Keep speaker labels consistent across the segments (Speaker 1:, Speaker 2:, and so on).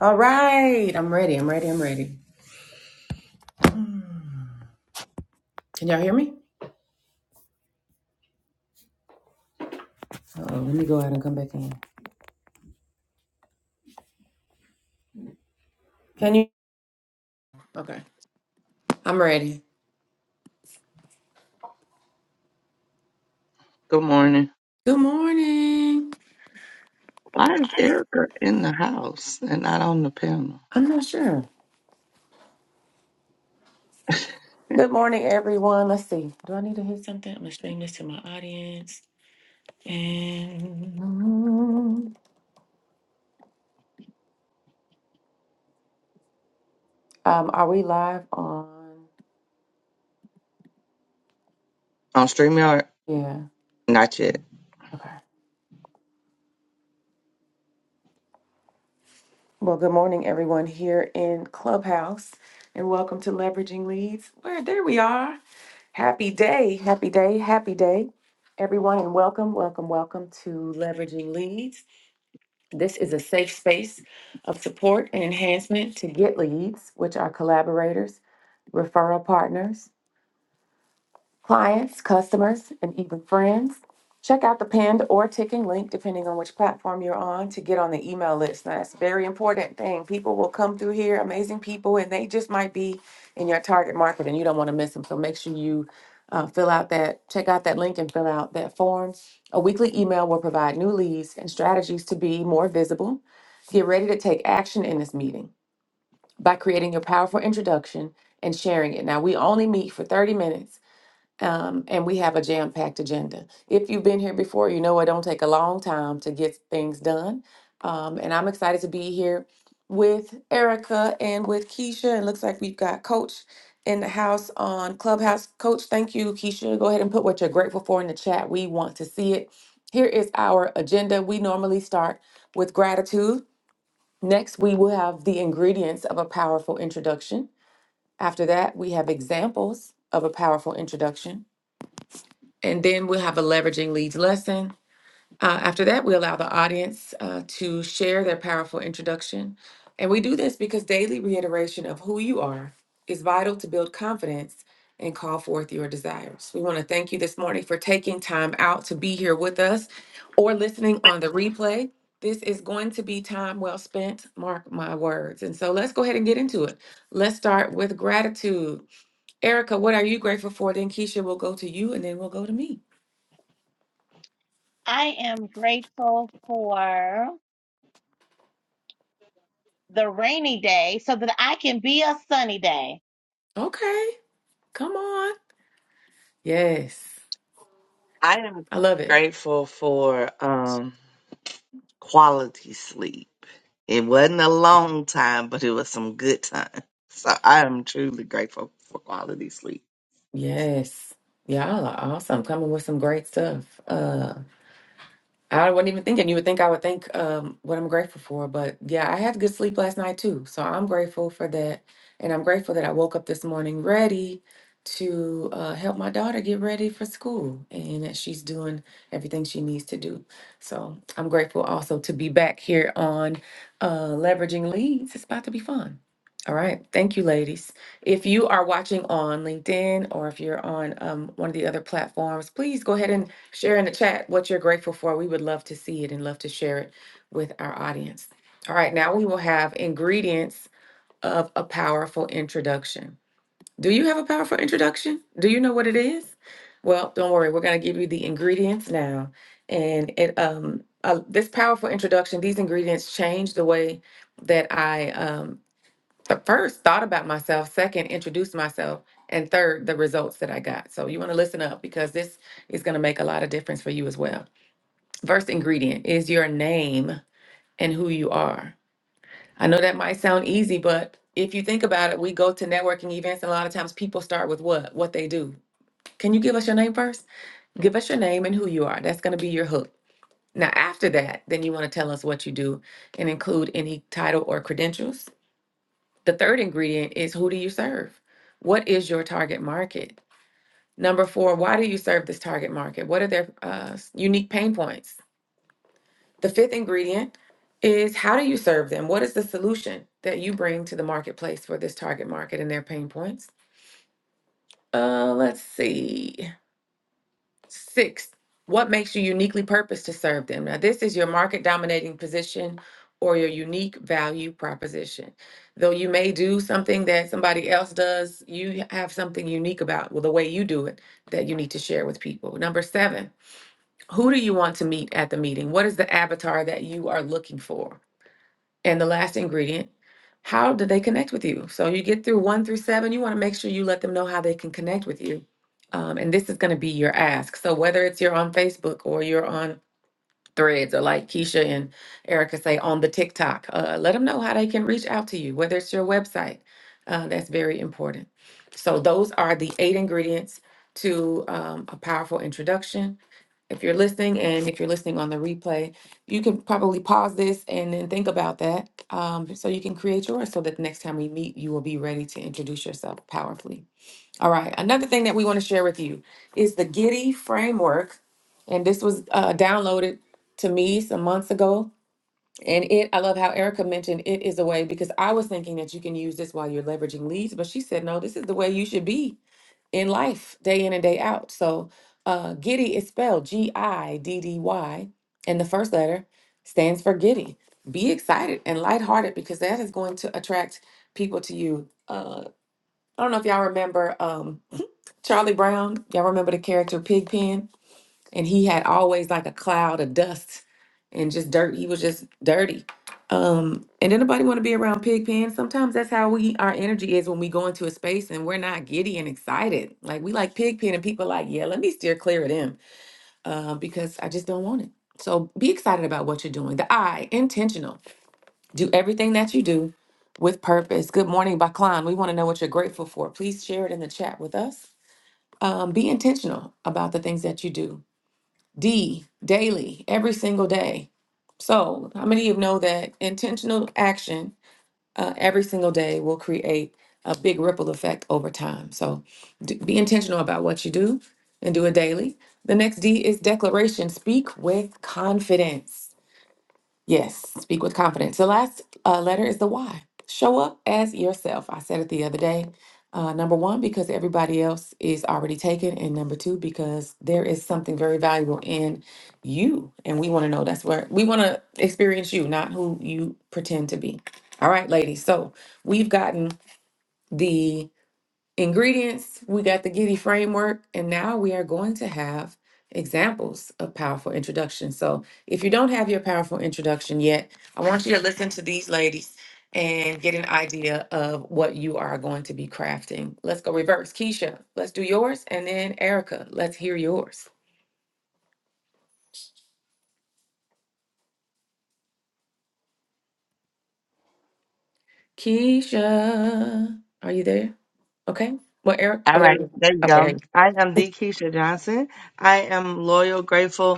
Speaker 1: All right, I'm ready. I'm ready. I'm ready. Can y'all hear me? Oh, let me go out and come back in. Can you? Okay, I'm ready.
Speaker 2: Good morning.
Speaker 1: Good morning.
Speaker 2: Why is Erica in the house and not on the panel?
Speaker 1: I'm not sure. Good morning, everyone. Let's see. Do I need to hit something? I'm gonna stream this to my audience. And um, are we live on?
Speaker 2: On StreamYard?
Speaker 1: Yeah.
Speaker 2: Not yet.
Speaker 1: Okay. Well, good morning, everyone here in Clubhouse, and welcome to Leveraging Leads. Where there we are. Happy day, happy day, happy day, everyone, and welcome, welcome, welcome to Leveraging Leads. This is a safe space of support and enhancement to get leads, which are collaborators, referral partners, Clients, customers, and even friends. Check out the pinned or ticking link, depending on which platform you're on, to get on the email list. Now, that's a very important thing. People will come through here, amazing people, and they just might be in your target market, and you don't want to miss them. So make sure you uh, fill out that, check out that link and fill out that form. A weekly email will provide new leads and strategies to be more visible. Get ready to take action in this meeting by creating your powerful introduction and sharing it. Now, we only meet for 30 minutes. Um, and we have a jam-packed agenda. If you've been here before, you know it don't take a long time to get things done. Um, and I'm excited to be here with Erica and with Keisha. It looks like we've got Coach in the house on Clubhouse. Coach, thank you, Keisha. Go ahead and put what you're grateful for in the chat. We want to see it. Here is our agenda. We normally start with gratitude. Next, we will have the ingredients of a powerful introduction. After that, we have examples of a powerful introduction. And then we'll have a leveraging leads lesson. Uh, after that, we allow the audience uh, to share their powerful introduction. And we do this because daily reiteration of who you are is vital to build confidence and call forth your desires. We want to thank you this morning for taking time out to be here with us or listening on the replay. This is going to be time well spent, mark my words. And so let's go ahead and get into it. Let's start with gratitude. Erica, what are you grateful for? Then Keisha will go to you and then we'll go to me.
Speaker 3: I am grateful for the rainy day so that I can be a sunny day.
Speaker 1: Okay, come on. Yes,
Speaker 2: I am
Speaker 1: I love it.
Speaker 2: grateful for um quality sleep. It wasn't a long time, but it was some good time. So I am truly grateful for quality sleep.
Speaker 1: Yes, y'all are awesome. Coming with some great stuff. Uh, I wasn't even thinking. You would think I would think um, what I'm grateful for, but yeah, I had good sleep last night too. So I'm grateful for that, and I'm grateful that I woke up this morning ready to uh, help my daughter get ready for school, and that she's doing everything she needs to do. So I'm grateful also to be back here on uh, leveraging leads. It's about to be fun. All right, thank you, ladies. If you are watching on LinkedIn or if you're on um, one of the other platforms, please go ahead and Share in the chat what you're grateful for. We would love to see it and love to share it with our audience. All right, now we will have ingredients of a powerful introduction. Do you have a powerful introduction? Do you know what it is? Well, don't worry. We're going to give you the ingredients now. And it um uh, this powerful introduction, these ingredients change the way that I um th- first thought about myself, second introduced myself, and third the results that I got. So you want to listen up because this is going to make a lot of difference for you as well. First ingredient is your name and who you are. I know that might sound easy, but if you think about it, we go to networking events and a lot of times people start with what? What they do. Can you give us your name first? Give us your name and who you are. That's going to be your hook. Now, after that, then you want to tell us what you do and include any title or credentials. The third ingredient is who do you serve? What is your target market? Number four, why do you serve this target market? What are their uh, s- unique pain points? The fifth ingredient is how do you serve them? What is the solution that you bring to the marketplace for this target market and their pain points? Uh, let's see. Sixth, what makes you uniquely purposed to serve them? Now, this is your market dominating position or your unique value proposition. Though you may do something that somebody else does, you have something unique about well, the way you do it that you need to share with people. Number seven, who do you want to meet at the meeting? What is the avatar that you are looking for? And the last ingredient, how do they connect with you? So you get through one through seven, you want to make sure you let them know how they can connect with you. Um, and this is going to be your ask. So whether it's you're on Facebook or you're on Threads or like Keisha and Erica say on the TikTok, uh, let them know how they can reach out to you, whether it's your website. Uh, that's very important. So those are the eight ingredients to um, a powerful introduction if you're listening and if you're listening on the replay, you can probably pause this and then think about that um, so you can create yours so that the next time we meet, you will be ready to introduce yourself powerfully. All right. Another thing that we want to share with you is the Giddy framework. And this was uh, downloaded to me some months ago. And it, I love how Erica mentioned it is a way because I was thinking that you can use this while you're leveraging leads, but she said, no, this is the way you should be in life day in and day out. So uh, Giddy is spelled G I D D Y, and the first letter stands for Giddy. Be excited and lighthearted because that is going to attract people to you. Uh, I don't know if y'all remember um, Charlie Brown. Y'all remember the character Pigpen? and he had always like a cloud of dust and just dirt. He was just dirty. Um, and anybody want to be around Pigpen? Sometimes that's how we our energy is when we go into a space and we're not giddy and excited. Like we like Pigpen, and people are like, yeah, let me steer clear of them uh, because I just don't want it. So be excited about what you're doing. The I, intentional. Do everything that you do with purpose. Good morning, Baklan. We want to know what you're grateful for. Please share it in the chat with us. Um, be intentional about the things that you do D, daily, every single day. So, how many of you know that intentional action uh, every single day will create a big ripple effect over time? So, d- be intentional about what you do and do it daily. The next D is declaration. Speak with confidence. Yes, speak with confidence. The last uh, letter is the Y. Show up as yourself. I said it the other day. Uh, number one, because everybody else is already taken. And number two, because there is something very valuable in you. And we want to know that's where we want to experience you, not who you pretend to be. All right, ladies. So we've gotten the ingredients, we got the Giddy framework, and now we are going to have examples of powerful introductions. So if you don't have your powerful introduction yet, I want you to listen to these ladies and get an idea of what you are going to be crafting. Let's go reverse. Keisha, let's do yours. And then Erica, let's hear yours. Keisha, are you there? Okay. Well, Eric,
Speaker 2: All
Speaker 1: oh, there you
Speaker 2: right,
Speaker 1: go.
Speaker 2: there you
Speaker 1: Okay, there you
Speaker 2: go.
Speaker 1: go.
Speaker 2: I am the Keisha Johnson. I am loyal, grateful,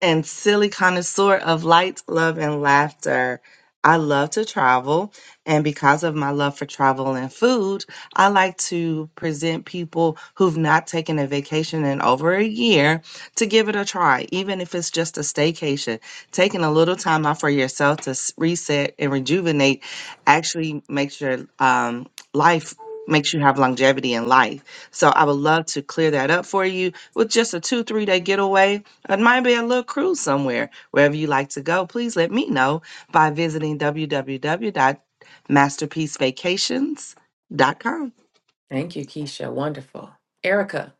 Speaker 2: and silly connoisseur of light, love, and laughter. I love to travel, and because of my love for travel and food, I like to present people who've not taken a vacation in over a year to give it a try, even if it's just a staycation. Taking a little time out for yourself to s- reset and rejuvenate actually makes your um, life makes you have longevity in life. So I would love to clear that up for you with just a two three day getaway it might be a little cruise somewhere. Wherever you like to go, please let me know by visiting w w w dot masterpiece vacations dot com.
Speaker 1: Thank you, Keisha. Wonderful. Erica,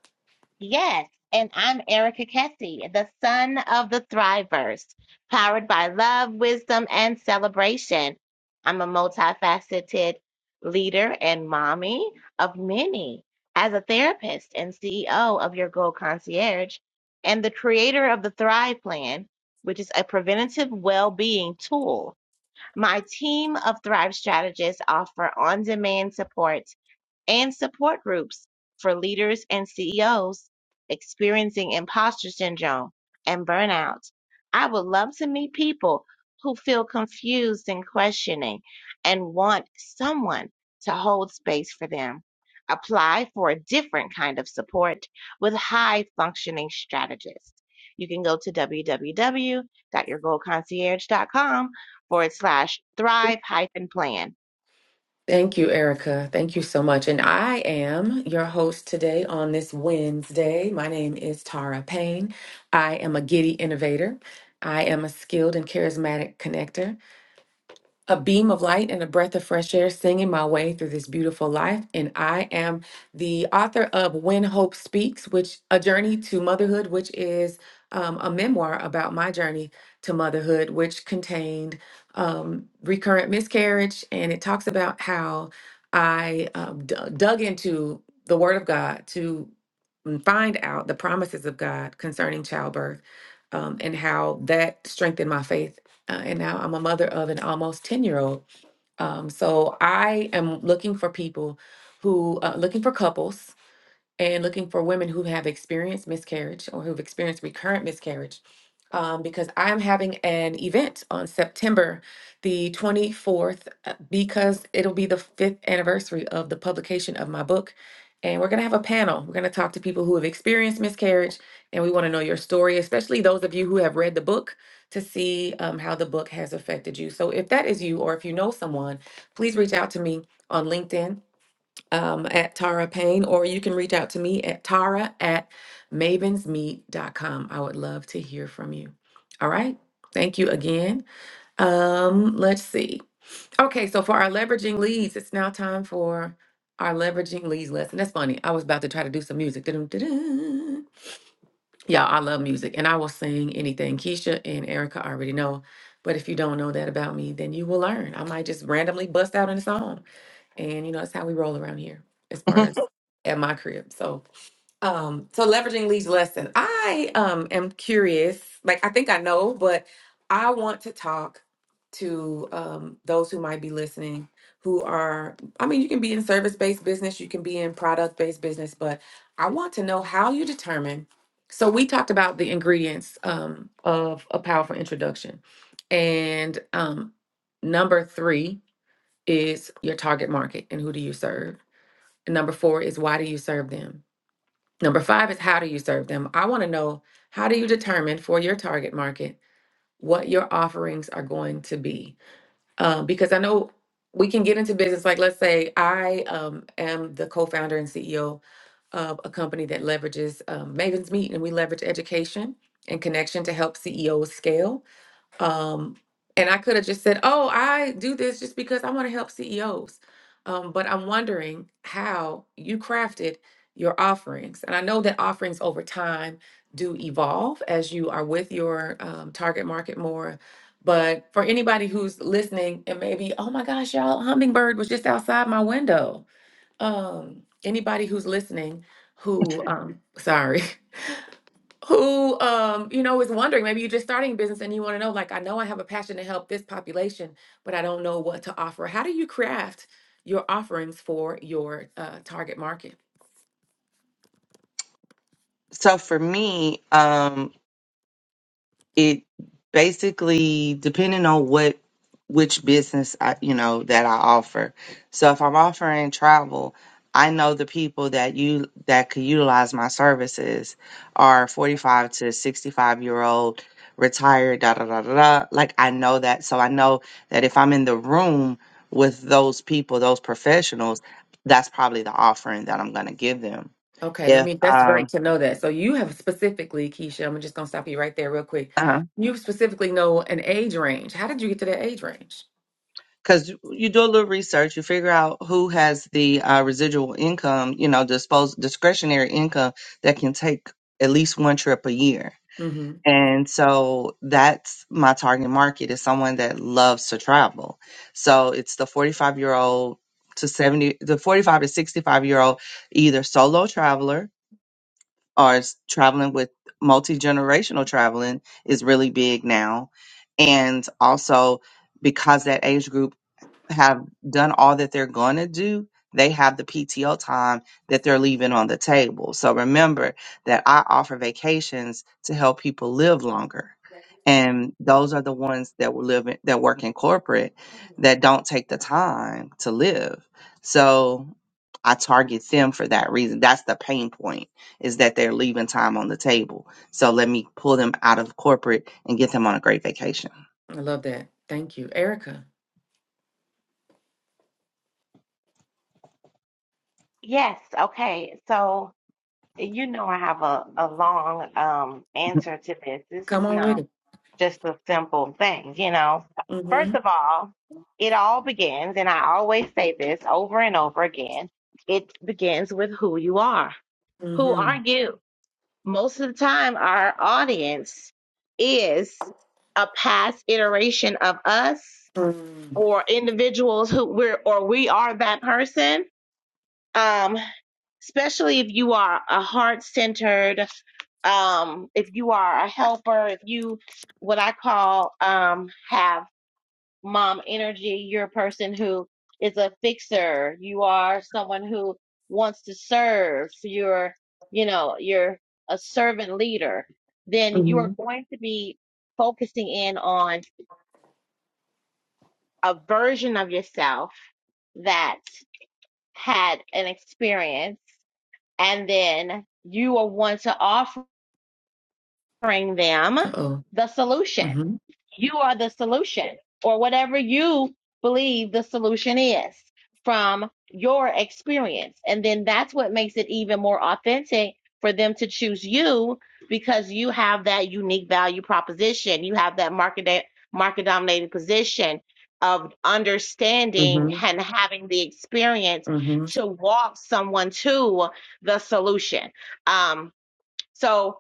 Speaker 3: Yes. And I'm Erica Kessie, the son of the Thrivers, powered by love, wisdom, and celebration. I'm a multifaceted leader and mommy of many as a therapist and CEO of Your Goal Concierge and the creator of the Thrive Plan, which is a preventative well being tool My team of Thrive strategists offer on demand support and support groups for leaders and CEOs experiencing imposter syndrome and burnout. I would love to meet people who feel confused and questioning and want someone to hold space for them. Apply for a different kind of support with high functioning strategists. You can go to w w w dot your goal concierge dot com forward slash thrive hyphen plan.
Speaker 1: Thank you, Erica. Thank you so much. And I am your host today on this Wednesday. My name is Tara Payne. I am a giddy innovator. I am a skilled and charismatic connector a beam of light and a breath of fresh air singing my way through this beautiful life. And I am the author of When Hope Speaks, which a journey to motherhood, which is um, a memoir about my journey to motherhood, which contained um, recurrent miscarriage. And it talks about how I um, d- dug into the Word of God to mm, find out the promises of God concerning childbirth um, and how that strengthened my faith uh, and now I'm a mother of an almost 10 year old. Um, so I am looking for people who, uh, looking for couples and looking for women who have experienced miscarriage or who've experienced recurrent miscarriage um, because I'm having an event on September the 24th uh, because it'll be the fifth anniversary of the publication of my book. And we're going to have a panel. We're going to talk to people who have experienced miscarriage and we want to know your story, especially those of you who have read the book to see um, how the book has affected you. So if that is you or if you know someone, please reach out to me on LinkedIn um, at Tara Payne, or you can reach out to me at Tara at mavensmeet.com. I would love to hear from you. All right. Thank you again. Um, let's see. Okay, so for our leveraging leads, it's now time for our leveraging leads lesson. That's funny. I was about to try to do some music. Da-dum, da-dum. Y'all, I love music and I will sing anything. Keisha and Erica already know. But if you don't know that about me, then you will learn. I might just randomly bust out in a song and you know it's how we roll around here as far as at my crib so um so leveraging leads lesson i um am curious like i think i know but i want to talk to um those who might be listening who are i mean you can be in service-based business you can be in product-based business but i want to know how you determine so we talked about the ingredients um, of a powerful introduction and um, number three is your target market and who do you serve? And number four is why do you serve them? Number five is how do you serve them? I want to know how do you determine for your target market what your offerings are going to be? Um, because I know we can get into business. Like, let's say I um, am the co founder and CEO of a company that leverages um, Maven's Meet, and we leverage education and connection to help CEOs scale. Um, and I could have just said, "Oh, I do this just because I want to help CEOs." Um, but I'm wondering how you crafted your offerings, and I know that offerings over time do evolve as you are with your um, target market more. But for anybody who's listening and maybe, oh my gosh, y'all, hummingbird was just outside my window. Um, anybody who's listening who, um, sorry, who um you know is wondering maybe you're just starting a business and you want to know like i know i have a passion to help this population but i don't know what to offer how do you craft your offerings for your uh, target market
Speaker 2: So for me, um, it basically depending on what which business I you know that I offer. So if I'm offering travel, I know the people that you that could utilize my services are 45 to 65 year old retired da da da da da. Like I know that so I know that if I'm in the room with those people, those professionals, that's probably the offering that I'm going to give them.
Speaker 1: okay let
Speaker 2: If
Speaker 1: me that's great
Speaker 2: um
Speaker 1: to know that so you have specifically keisha i'm just going to stop you right there real quick you specifically know an age range how did you get to that age range
Speaker 2: because you do a little research, you figure out who has the uh, residual income, you know, dispose discretionary income that can take at least one trip a year.
Speaker 1: hmm
Speaker 2: And so that's my target market is someone that loves to travel. So it's the 45 year old to 70, the 45 to 65 year old, either solo traveler or is traveling with multi generational traveling is really big now. And also, because that age group have done all that they're going to do, they have the PTO time that they're leaving on the table. So remember that I offer vacations to help people live longer. And those are the ones that will live in, that work in corporate that don't take the time to live. So I target them for that reason. That's the pain point is that they're leaving time on the table. So let me pull them out of corporate and get them on a great vacation.
Speaker 1: i love that thank you erica
Speaker 3: Yes, okay. So You know, I have a, a long um, answer to this. This is
Speaker 1: come on with
Speaker 3: not
Speaker 1: it
Speaker 3: just a simple thing, you know.
Speaker 1: mm-hmm
Speaker 3: First of all, it all begins, and I always say this over and over again it begins with who you are. Who are
Speaker 1: mm-hmm
Speaker 3: you? Most of the time, our audience is a past iteration of us or individuals who we're or we are that person um, especially if you are a heart centered, um, if you are a helper, if you, what I call, um, have mom energy, you're a person who is a fixer, you are someone who wants to serve, So you're, you know, you're a servant leader, then you
Speaker 1: mm-hmm
Speaker 3: are going to be focusing in on a version of yourself that had an experience and then you are one to offering them
Speaker 1: uh-oh
Speaker 3: the solution
Speaker 1: mm-hmm
Speaker 3: you are the solution or whatever you believe the solution is from your experience and then that's what makes it even more authentic for them to choose you because you have that unique value proposition you have that market market dominated position of understanding
Speaker 1: mm-hmm
Speaker 3: and having the experience to walk someone to the solution um so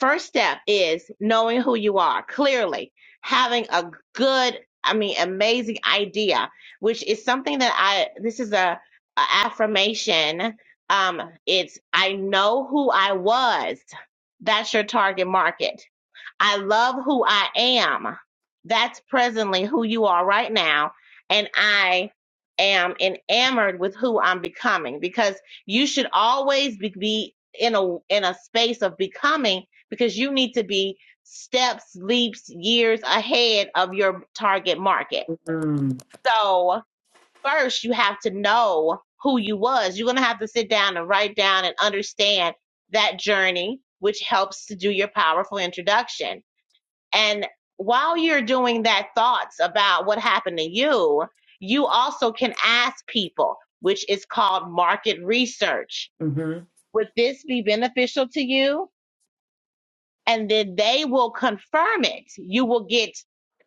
Speaker 3: first step is knowing who you are clearly having a good i mean amazing idea which is something that i this is a, a affirmation um it's i know who i was that's your target market I love who I am. That's presently who you are right now. And I am enamored with who I'm becoming because you should always be, be in a in a space of becoming because you need to be steps, leaps, years ahead of your target market.
Speaker 1: mm-hmm
Speaker 3: So first you have to know who you was. You're gonna have to sit down and write down and understand that journey, which helps to do your powerful introduction and while you're doing that thoughts about what happened to you, you also can ask people, which is called market research.
Speaker 1: Mhm.
Speaker 3: Would this be beneficial to you? And then they will confirm it. You will get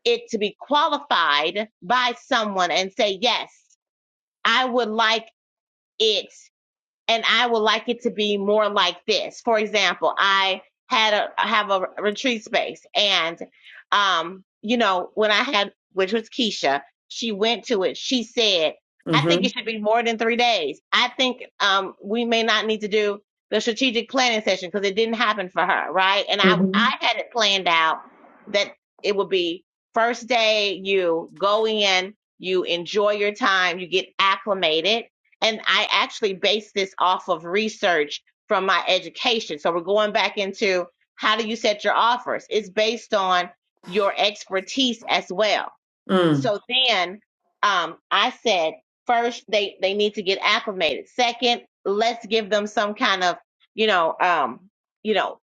Speaker 3: it to be qualified by someone and say, yes, I would like it and I would like it to be more like this. For example, I had a have a retreat space, and um, you know, when I had which was Keisha, she went to it. She said, "I think it
Speaker 1: Mhm.
Speaker 3: should be more than three days. I think um, we may not need to do the strategic planning session because it didn't happen for her, right?" And I
Speaker 1: Mhm.
Speaker 3: I had it planned out that it would be first day you go in, you enjoy your time, you get acclimated and I actually base this off of research from my education. So we're going back into how do you set your offers? It's based on your expertise as well.
Speaker 1: Mm.
Speaker 3: So then um, I said, first they they need to get acclimated. Second, let's give them some kind of you know um, you know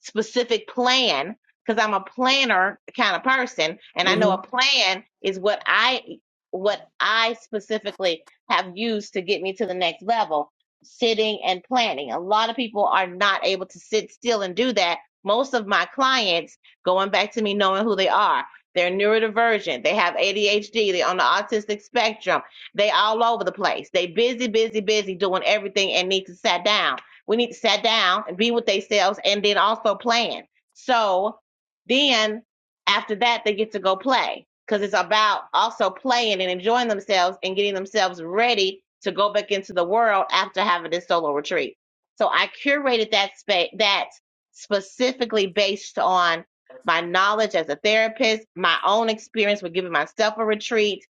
Speaker 3: specific plan because I'm a planner kind of person and I know a
Speaker 1: Mhm.
Speaker 3: plan is what I what I specifically have used to get me to the next level sitting and planning. A lot of people are not able to sit still and do that. Most of my clients going back to me knowing who they are. They're neurodivergent. They have ADHD. They're on the autistic spectrum. They all over the place. They busy, busy, busy doing everything and need to sit down we need to sit down and be with themselves and then also plan. So then after that, they get to go play because it's about also playing and enjoying themselves and getting themselves ready to go back into the world after having this solo retreat. So I curated that space that specifically based on my knowledge as a therapist, my own experience with giving myself a retreat.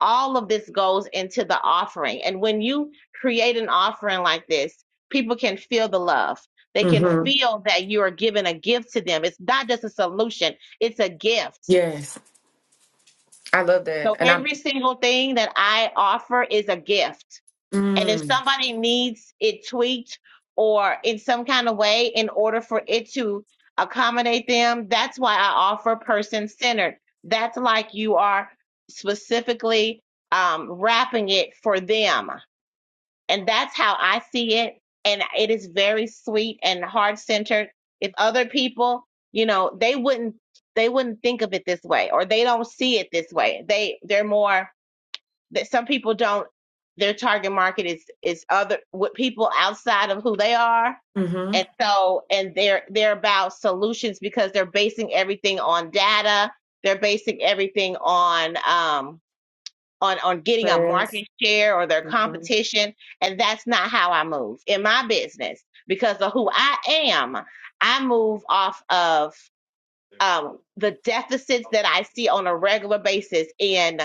Speaker 3: All of this goes into the offering. And when you create an offering like this, people can feel the love. They can
Speaker 1: Mhm.
Speaker 3: feel that you are giving a gift to them. It's not just a solution, it's a gift.
Speaker 1: Yes, I love that,
Speaker 3: So
Speaker 1: and I.
Speaker 3: every single thing that I offer is a gift. And if
Speaker 1: Mm.
Speaker 3: somebody needs it tweaked or in some kind of way in order for it to accommodate them, that's why I offer person centered. That's like you are specifically um, wrapping it for them. And that's how I see it. And it is very sweet and heart centered. If other people, you know, they wouldn't they wouldn't think of it this way or they don't see it this way. They they're more that some people don't their target market is is other with people outside of who they are.
Speaker 1: Mhm.
Speaker 3: And so and they're they're about solutions because they're basing everything on data. They're basing everything on um on on getting a
Speaker 1: Prayers.
Speaker 3: market share or their
Speaker 1: Mhm.
Speaker 3: competition and that's not how i move in my business because of who i am i move off of um, the deficits that I see on a regular basis in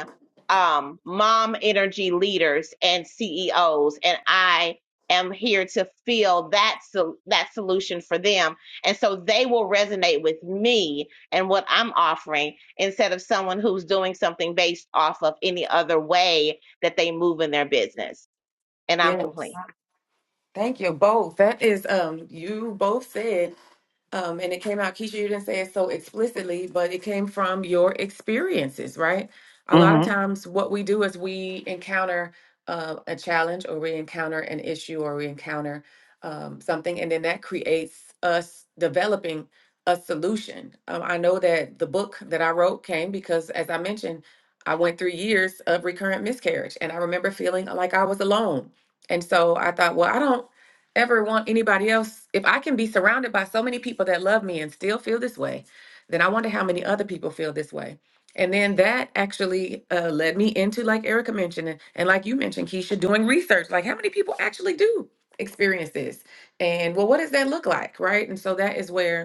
Speaker 3: um, mom energy leaders and CEOs, and I am here to feel that sol- that solution for them, and so they will resonate with me and what I'm offering instead of someone who's doing something based off of any other way that they move in their business. And I'm
Speaker 1: Yes.
Speaker 3: complete.
Speaker 1: Thank you both. That is um. You both said Um, and it came out, Keisha, you didn't say it so explicitly, but it came from your experiences, right? A lot of times, what we do is we encounter uh, a challenge or we encounter an issue or we encounter um, something, and then that creates us developing a solution. Um, I know that the book that I wrote came because, as I mentioned, I went through years of recurrent miscarriage, and I remember feeling like I was alone. And so I thought, well, I don't ever want anybody else, if I can be surrounded by so many people that love me and still feel this way, then I wonder how many other people feel this way. And then that actually uh, led me into, like Erica mentioned, and, and like you mentioned, Keisha, doing research. Like, how many people actually do experience this? And well, what does that look like? Right. And so that is where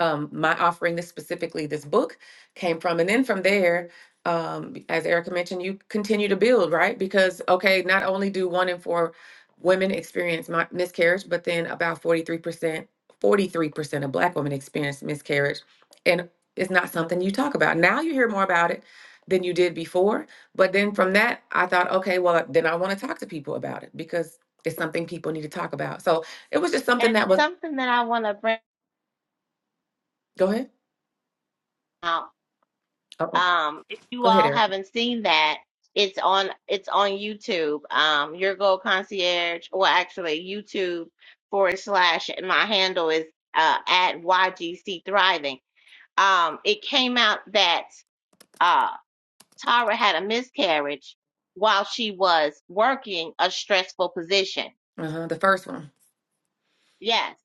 Speaker 1: um, my offering this specifically this book came from and then from there um, as erica mentioned you continue to build right because okay not only do one in four women experience mi- miscarriage but then about 43% 43% of black women experience miscarriage and it's not something you talk about now you hear more about it than you did before but then from that i thought okay well then i want to talk to people about it because it's something people need to talk about so it was just something
Speaker 3: And
Speaker 1: that was
Speaker 3: something that I want to bring
Speaker 1: go ahead
Speaker 3: out
Speaker 1: Uh-oh.
Speaker 3: Um, if you
Speaker 1: go ahead
Speaker 3: all
Speaker 1: erica
Speaker 3: haven't seen that, it's on it's on YouTube. Um, Your Gold Concierge, or actually YouTube forward slash. and My handle is uh, at YGC Thriving. Um, it came out that uh, Tara had a miscarriage while she was working a stressful position.
Speaker 1: Uh-huh. The first one.
Speaker 3: Yes.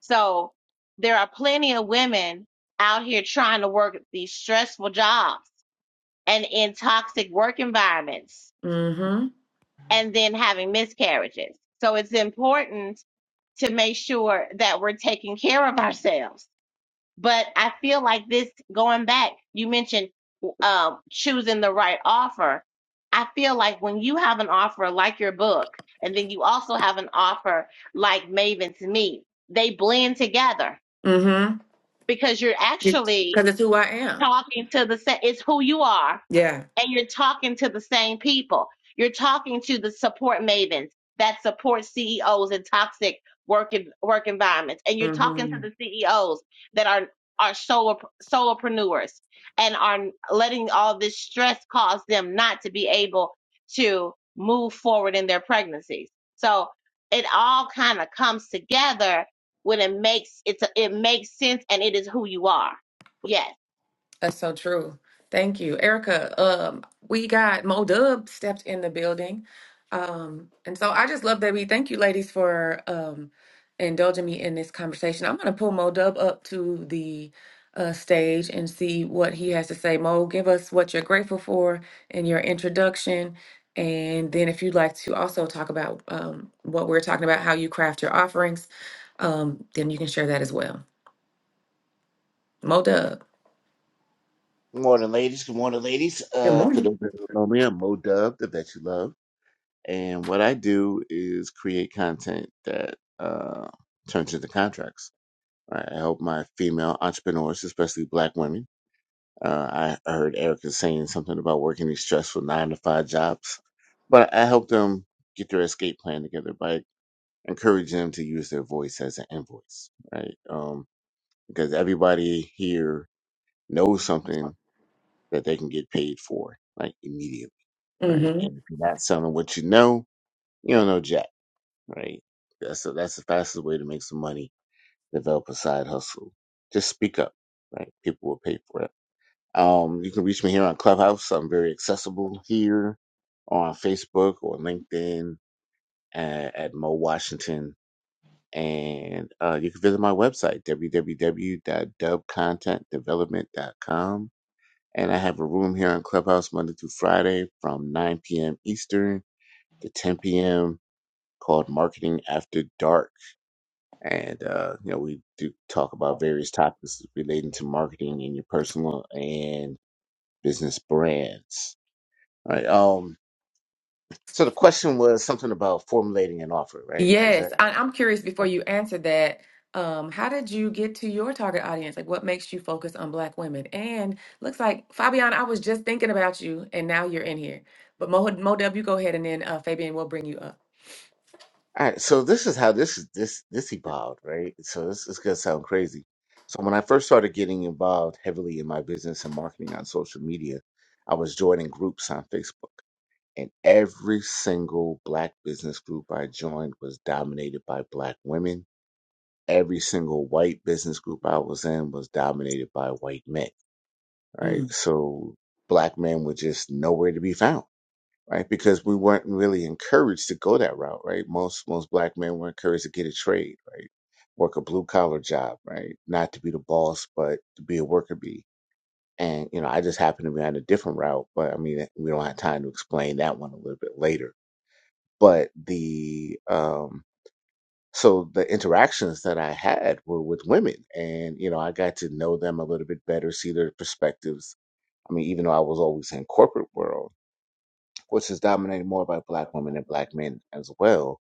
Speaker 3: So there are plenty of women out here trying to work these stressful jobs and in toxic work environments
Speaker 1: Mm-hmm.
Speaker 3: and then having miscarriages. So it's important to make sure that we're taking care of ourselves. But I feel like this going back, you mentioned um, choosing the right offer. I feel like when you have an offer like your book, and then you also have an offer like Maven's Meet, they blend together
Speaker 1: Mm-hmm.
Speaker 3: because you're
Speaker 1: Because it's
Speaker 3: actually
Speaker 1: 'cause it's who I am.
Speaker 3: talking to the same. It's who you are,
Speaker 1: Yeah.
Speaker 3: and you're talking to the same people. You're talking to the support mavens that support CEOs in toxic work en- work environments, and you're talking to
Speaker 1: Mm-hmm.
Speaker 3: the CEOs that are are solo solopreneurs and are letting all this stress cause them not to be able to move forward in their pregnancies. So it all kind of comes together when it makes it's a, it makes sense and it is who you are. Yes.
Speaker 1: That's so true. Thank you, Erica. Um, we got Mo Dub stepped in the building. Um, and so I just love that we thank you ladies for um indulging me in this conversation. I'm gonna pull Mo Dub up to the uh, stage and see what he has to say. Mo, give us what you're grateful for in your introduction. And then if you'd like to also talk about um, what we're talking about, how you craft your offerings, um, then you can share that as well. Mo Dub.
Speaker 4: Good morning, ladies. Good morning, ladies.
Speaker 1: Good
Speaker 4: Uh, for
Speaker 1: morning.
Speaker 4: those that don't know me, I'm Mo Dub, the Bet You Love. And what I do is create content that uh, turns into contracts. I help my female entrepreneurs, especially black women. Uh, I heard Erica saying something about working these stressful nine to five jobs, but I help them get their escape plan together by encouraging them to use their voice as an invoice, right? Um, because everybody here knows something that they can get paid for, like immediately, right? And if you're not selling what you know, you don't know jack, right? That's the that's the fastest way to make some money. Develop a side hustle. Just speak up, right? People will pay for it. Um, you can reach me here on Clubhouse. I'm very accessible here on Facebook or LinkedIn at, at Mo Washington. And uh, you can visit my website, w w w dot dub content development dot com. And I have a room here on Clubhouse Monday through Friday from 9 p.m. Eastern to 10 p.m. called Marketing After Dark. And, uh, you know, we do talk about various topics relating to marketing and your personal and business brands. All right. Um, so the question was something about formulating an offer, right? Is that
Speaker 1: Yes, I, I'm curious before you answer that, um, how did you get to your target audience? Like, what makes you focus on Black women? And looks like Fabian, I was just thinking about you, and now you're in here. But Mo, Mo Dub, you go ahead, and then uh, Fabian will bring you up.
Speaker 4: All right, so this is how this is this this evolved, right? So this is gonna sound crazy. So when I first started getting involved heavily in my business and marketing on social media, I was joining groups on Facebook, and every single black business group I joined was dominated by black women. Every single white business group I was in was dominated by white men, right?
Speaker 1: Mm.
Speaker 4: So black men were just nowhere to be found right? Because we weren't really encouraged to go that route, right? Most most black men were encouraged to get a trade, right? Work a blue collar job, right? Not to be the boss, but to be a worker bee. And you know, I just happen to be on a different route, but I mean, we don't have time to explain that one a little bit later. But the um, so the interactions that I had were with women, and you know, I got to know them a little bit better, see their perspectives. I mean, even though I was always in corporate world which is dominated more by black women and black men as well.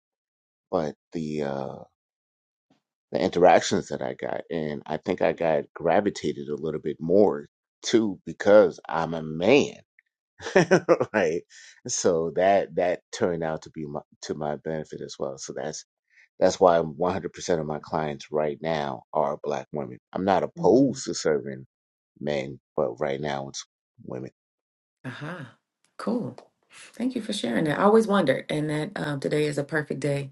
Speaker 4: But the uh, the interactions that I got, and I think I got gravitated a little bit more too because I'm a man, right? So that that turned out to be my, to my benefit as well. So that's that's why 100% of my clients right now are black women. I'm not
Speaker 1: Mm.
Speaker 4: opposed to serving men, but right now it's women.
Speaker 1: Aha, cool. Thank you for sharing that. I always wondered, and that um, today is a perfect day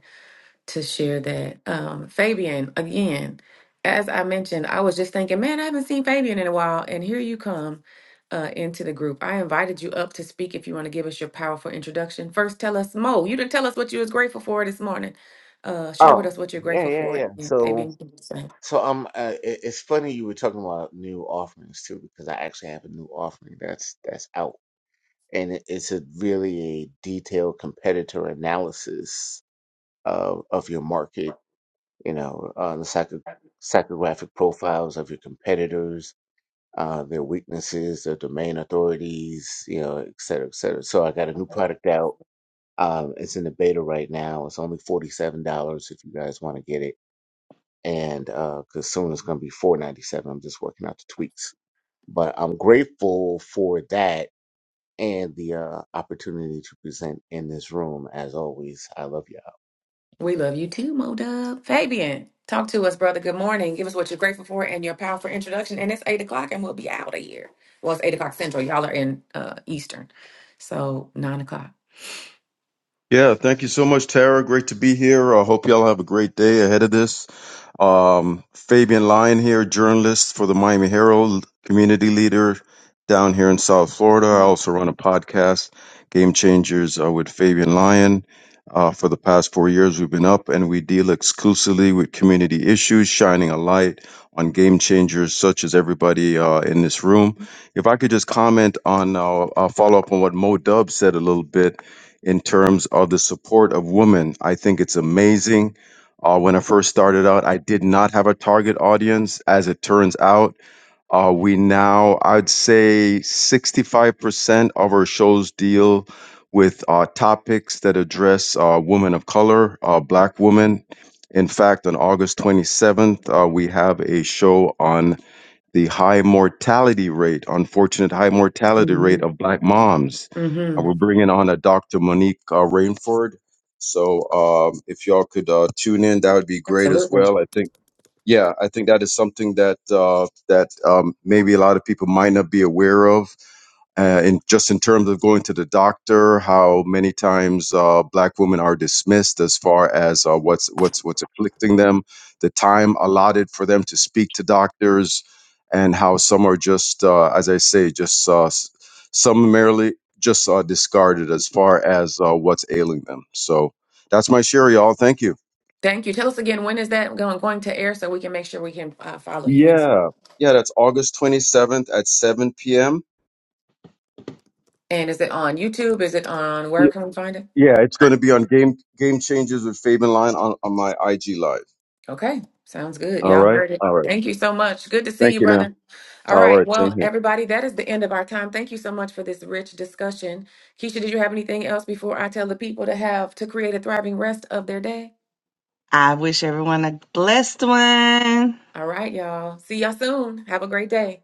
Speaker 1: to share that. Um, Fabian, again, as I mentioned, I was just thinking, man, I haven't seen Fabian in a while, and here you come uh, into the group. I invited you up to speak if you want to give us your powerful introduction. First, tell us, Mo, you didn't tell us what you was grateful for this morning. Uh, share with
Speaker 4: Oh,
Speaker 1: us what you're
Speaker 4: yeah,
Speaker 1: grateful
Speaker 4: yeah,
Speaker 1: for,
Speaker 4: yeah.
Speaker 1: and
Speaker 4: So
Speaker 1: Fabian, you can do the same.
Speaker 4: So um, uh, it, it's funny you were talking about new offerings too, because I actually have a new offering that's that's out, and it, it's a really a detailed competitor analysis of of your market. You know, uh, the psycho psychographic profiles of your competitors, uh, their weaknesses, their domain authorities, you know, et cetera, et cetera. So I got a new product out. Um, it's in the beta right now. It's only forty seven dollars if you guys want to get it and because soon it's going to be 497 i'm just working out the tweaks but i'm grateful for that and the uh, opportunity to present in this room as always i love y'all
Speaker 1: We love you too, Mo Dub. Fabian, talk to us, brother. Good morning. Give us what you're grateful for and your powerful introduction. And it's eight o'clock, and we'll be out of here. Well, it's eight o'clock central. Y'all are in uh, Eastern, so nine o'clock.
Speaker 5: Yeah, thank you so much, Tara. Great to be here. I hope y'all have a great day ahead of this. Um, Fabian Lyon here, journalist for the Miami Herald, community leader down here in South Florida. I also run a podcast, Game Changers, uh, with Fabian Lyon. Uh, for the past four years, we've been up and we deal exclusively with community issues, shining a light on game changers such as everybody uh, in this room. If I could just comment on, uh, I'll follow up on what Mo Dub said a little bit in terms of the support of women. I think it's amazing. Uh, when I first started out, I did not have a target audience. As it turns out, uh, we now, I'd say 65% of our shows deal with uh, topics that address uh, women of color, uh, black women. In fact, on August 27th, uh, we have a show on the high mortality rate, unfortunate high mortality
Speaker 1: hmm
Speaker 5: rate of black moms. And
Speaker 1: hmm
Speaker 5: we're bringing on a Dr. Monique uh, Rainford. So um, if y'all could uh, tune in, that would be great as
Speaker 1: Absolutely.
Speaker 5: well. I think, yeah, I think that is something that uh, that um, maybe a lot of people might not be aware of uh, in just in terms of going to the doctor, how many times uh, black women are dismissed as far as uh, what's what's what's afflicting them, the time allotted for them to speak to doctors, and how some are just, uh, as I say, just uh, s- summarily just uh, discarded as far as uh, what's ailing them. So that's my share, y'all. Thank you.
Speaker 1: Thank you. Tell us again when is that going going to air so we can make sure we can uh, follow you and
Speaker 5: Yeah, yeah, that's August twenty seventh at seven p.m.
Speaker 1: and is it on YouTube? Is it on where can we find it?
Speaker 5: Yeah, it's going to be on Game Game Changers with Fabian Line on, on my IG Live.
Speaker 1: Okay, sounds good.
Speaker 5: All
Speaker 1: Y'all
Speaker 5: right.
Speaker 1: heard it.
Speaker 5: All right.
Speaker 1: Thank you so much. Good to see
Speaker 5: Thank
Speaker 1: you,
Speaker 5: you now.
Speaker 1: brother. All
Speaker 5: All
Speaker 1: right.
Speaker 5: right. Thank
Speaker 1: Well,
Speaker 5: you.
Speaker 1: everybody, that is the end of our time. Thank you so much for this rich discussion. Keisha, did you have anything else before I tell the people to have to create a thriving rest of their day?
Speaker 2: I wish everyone a blessed one.
Speaker 1: All right, y'all. See y'all soon. Have a great day.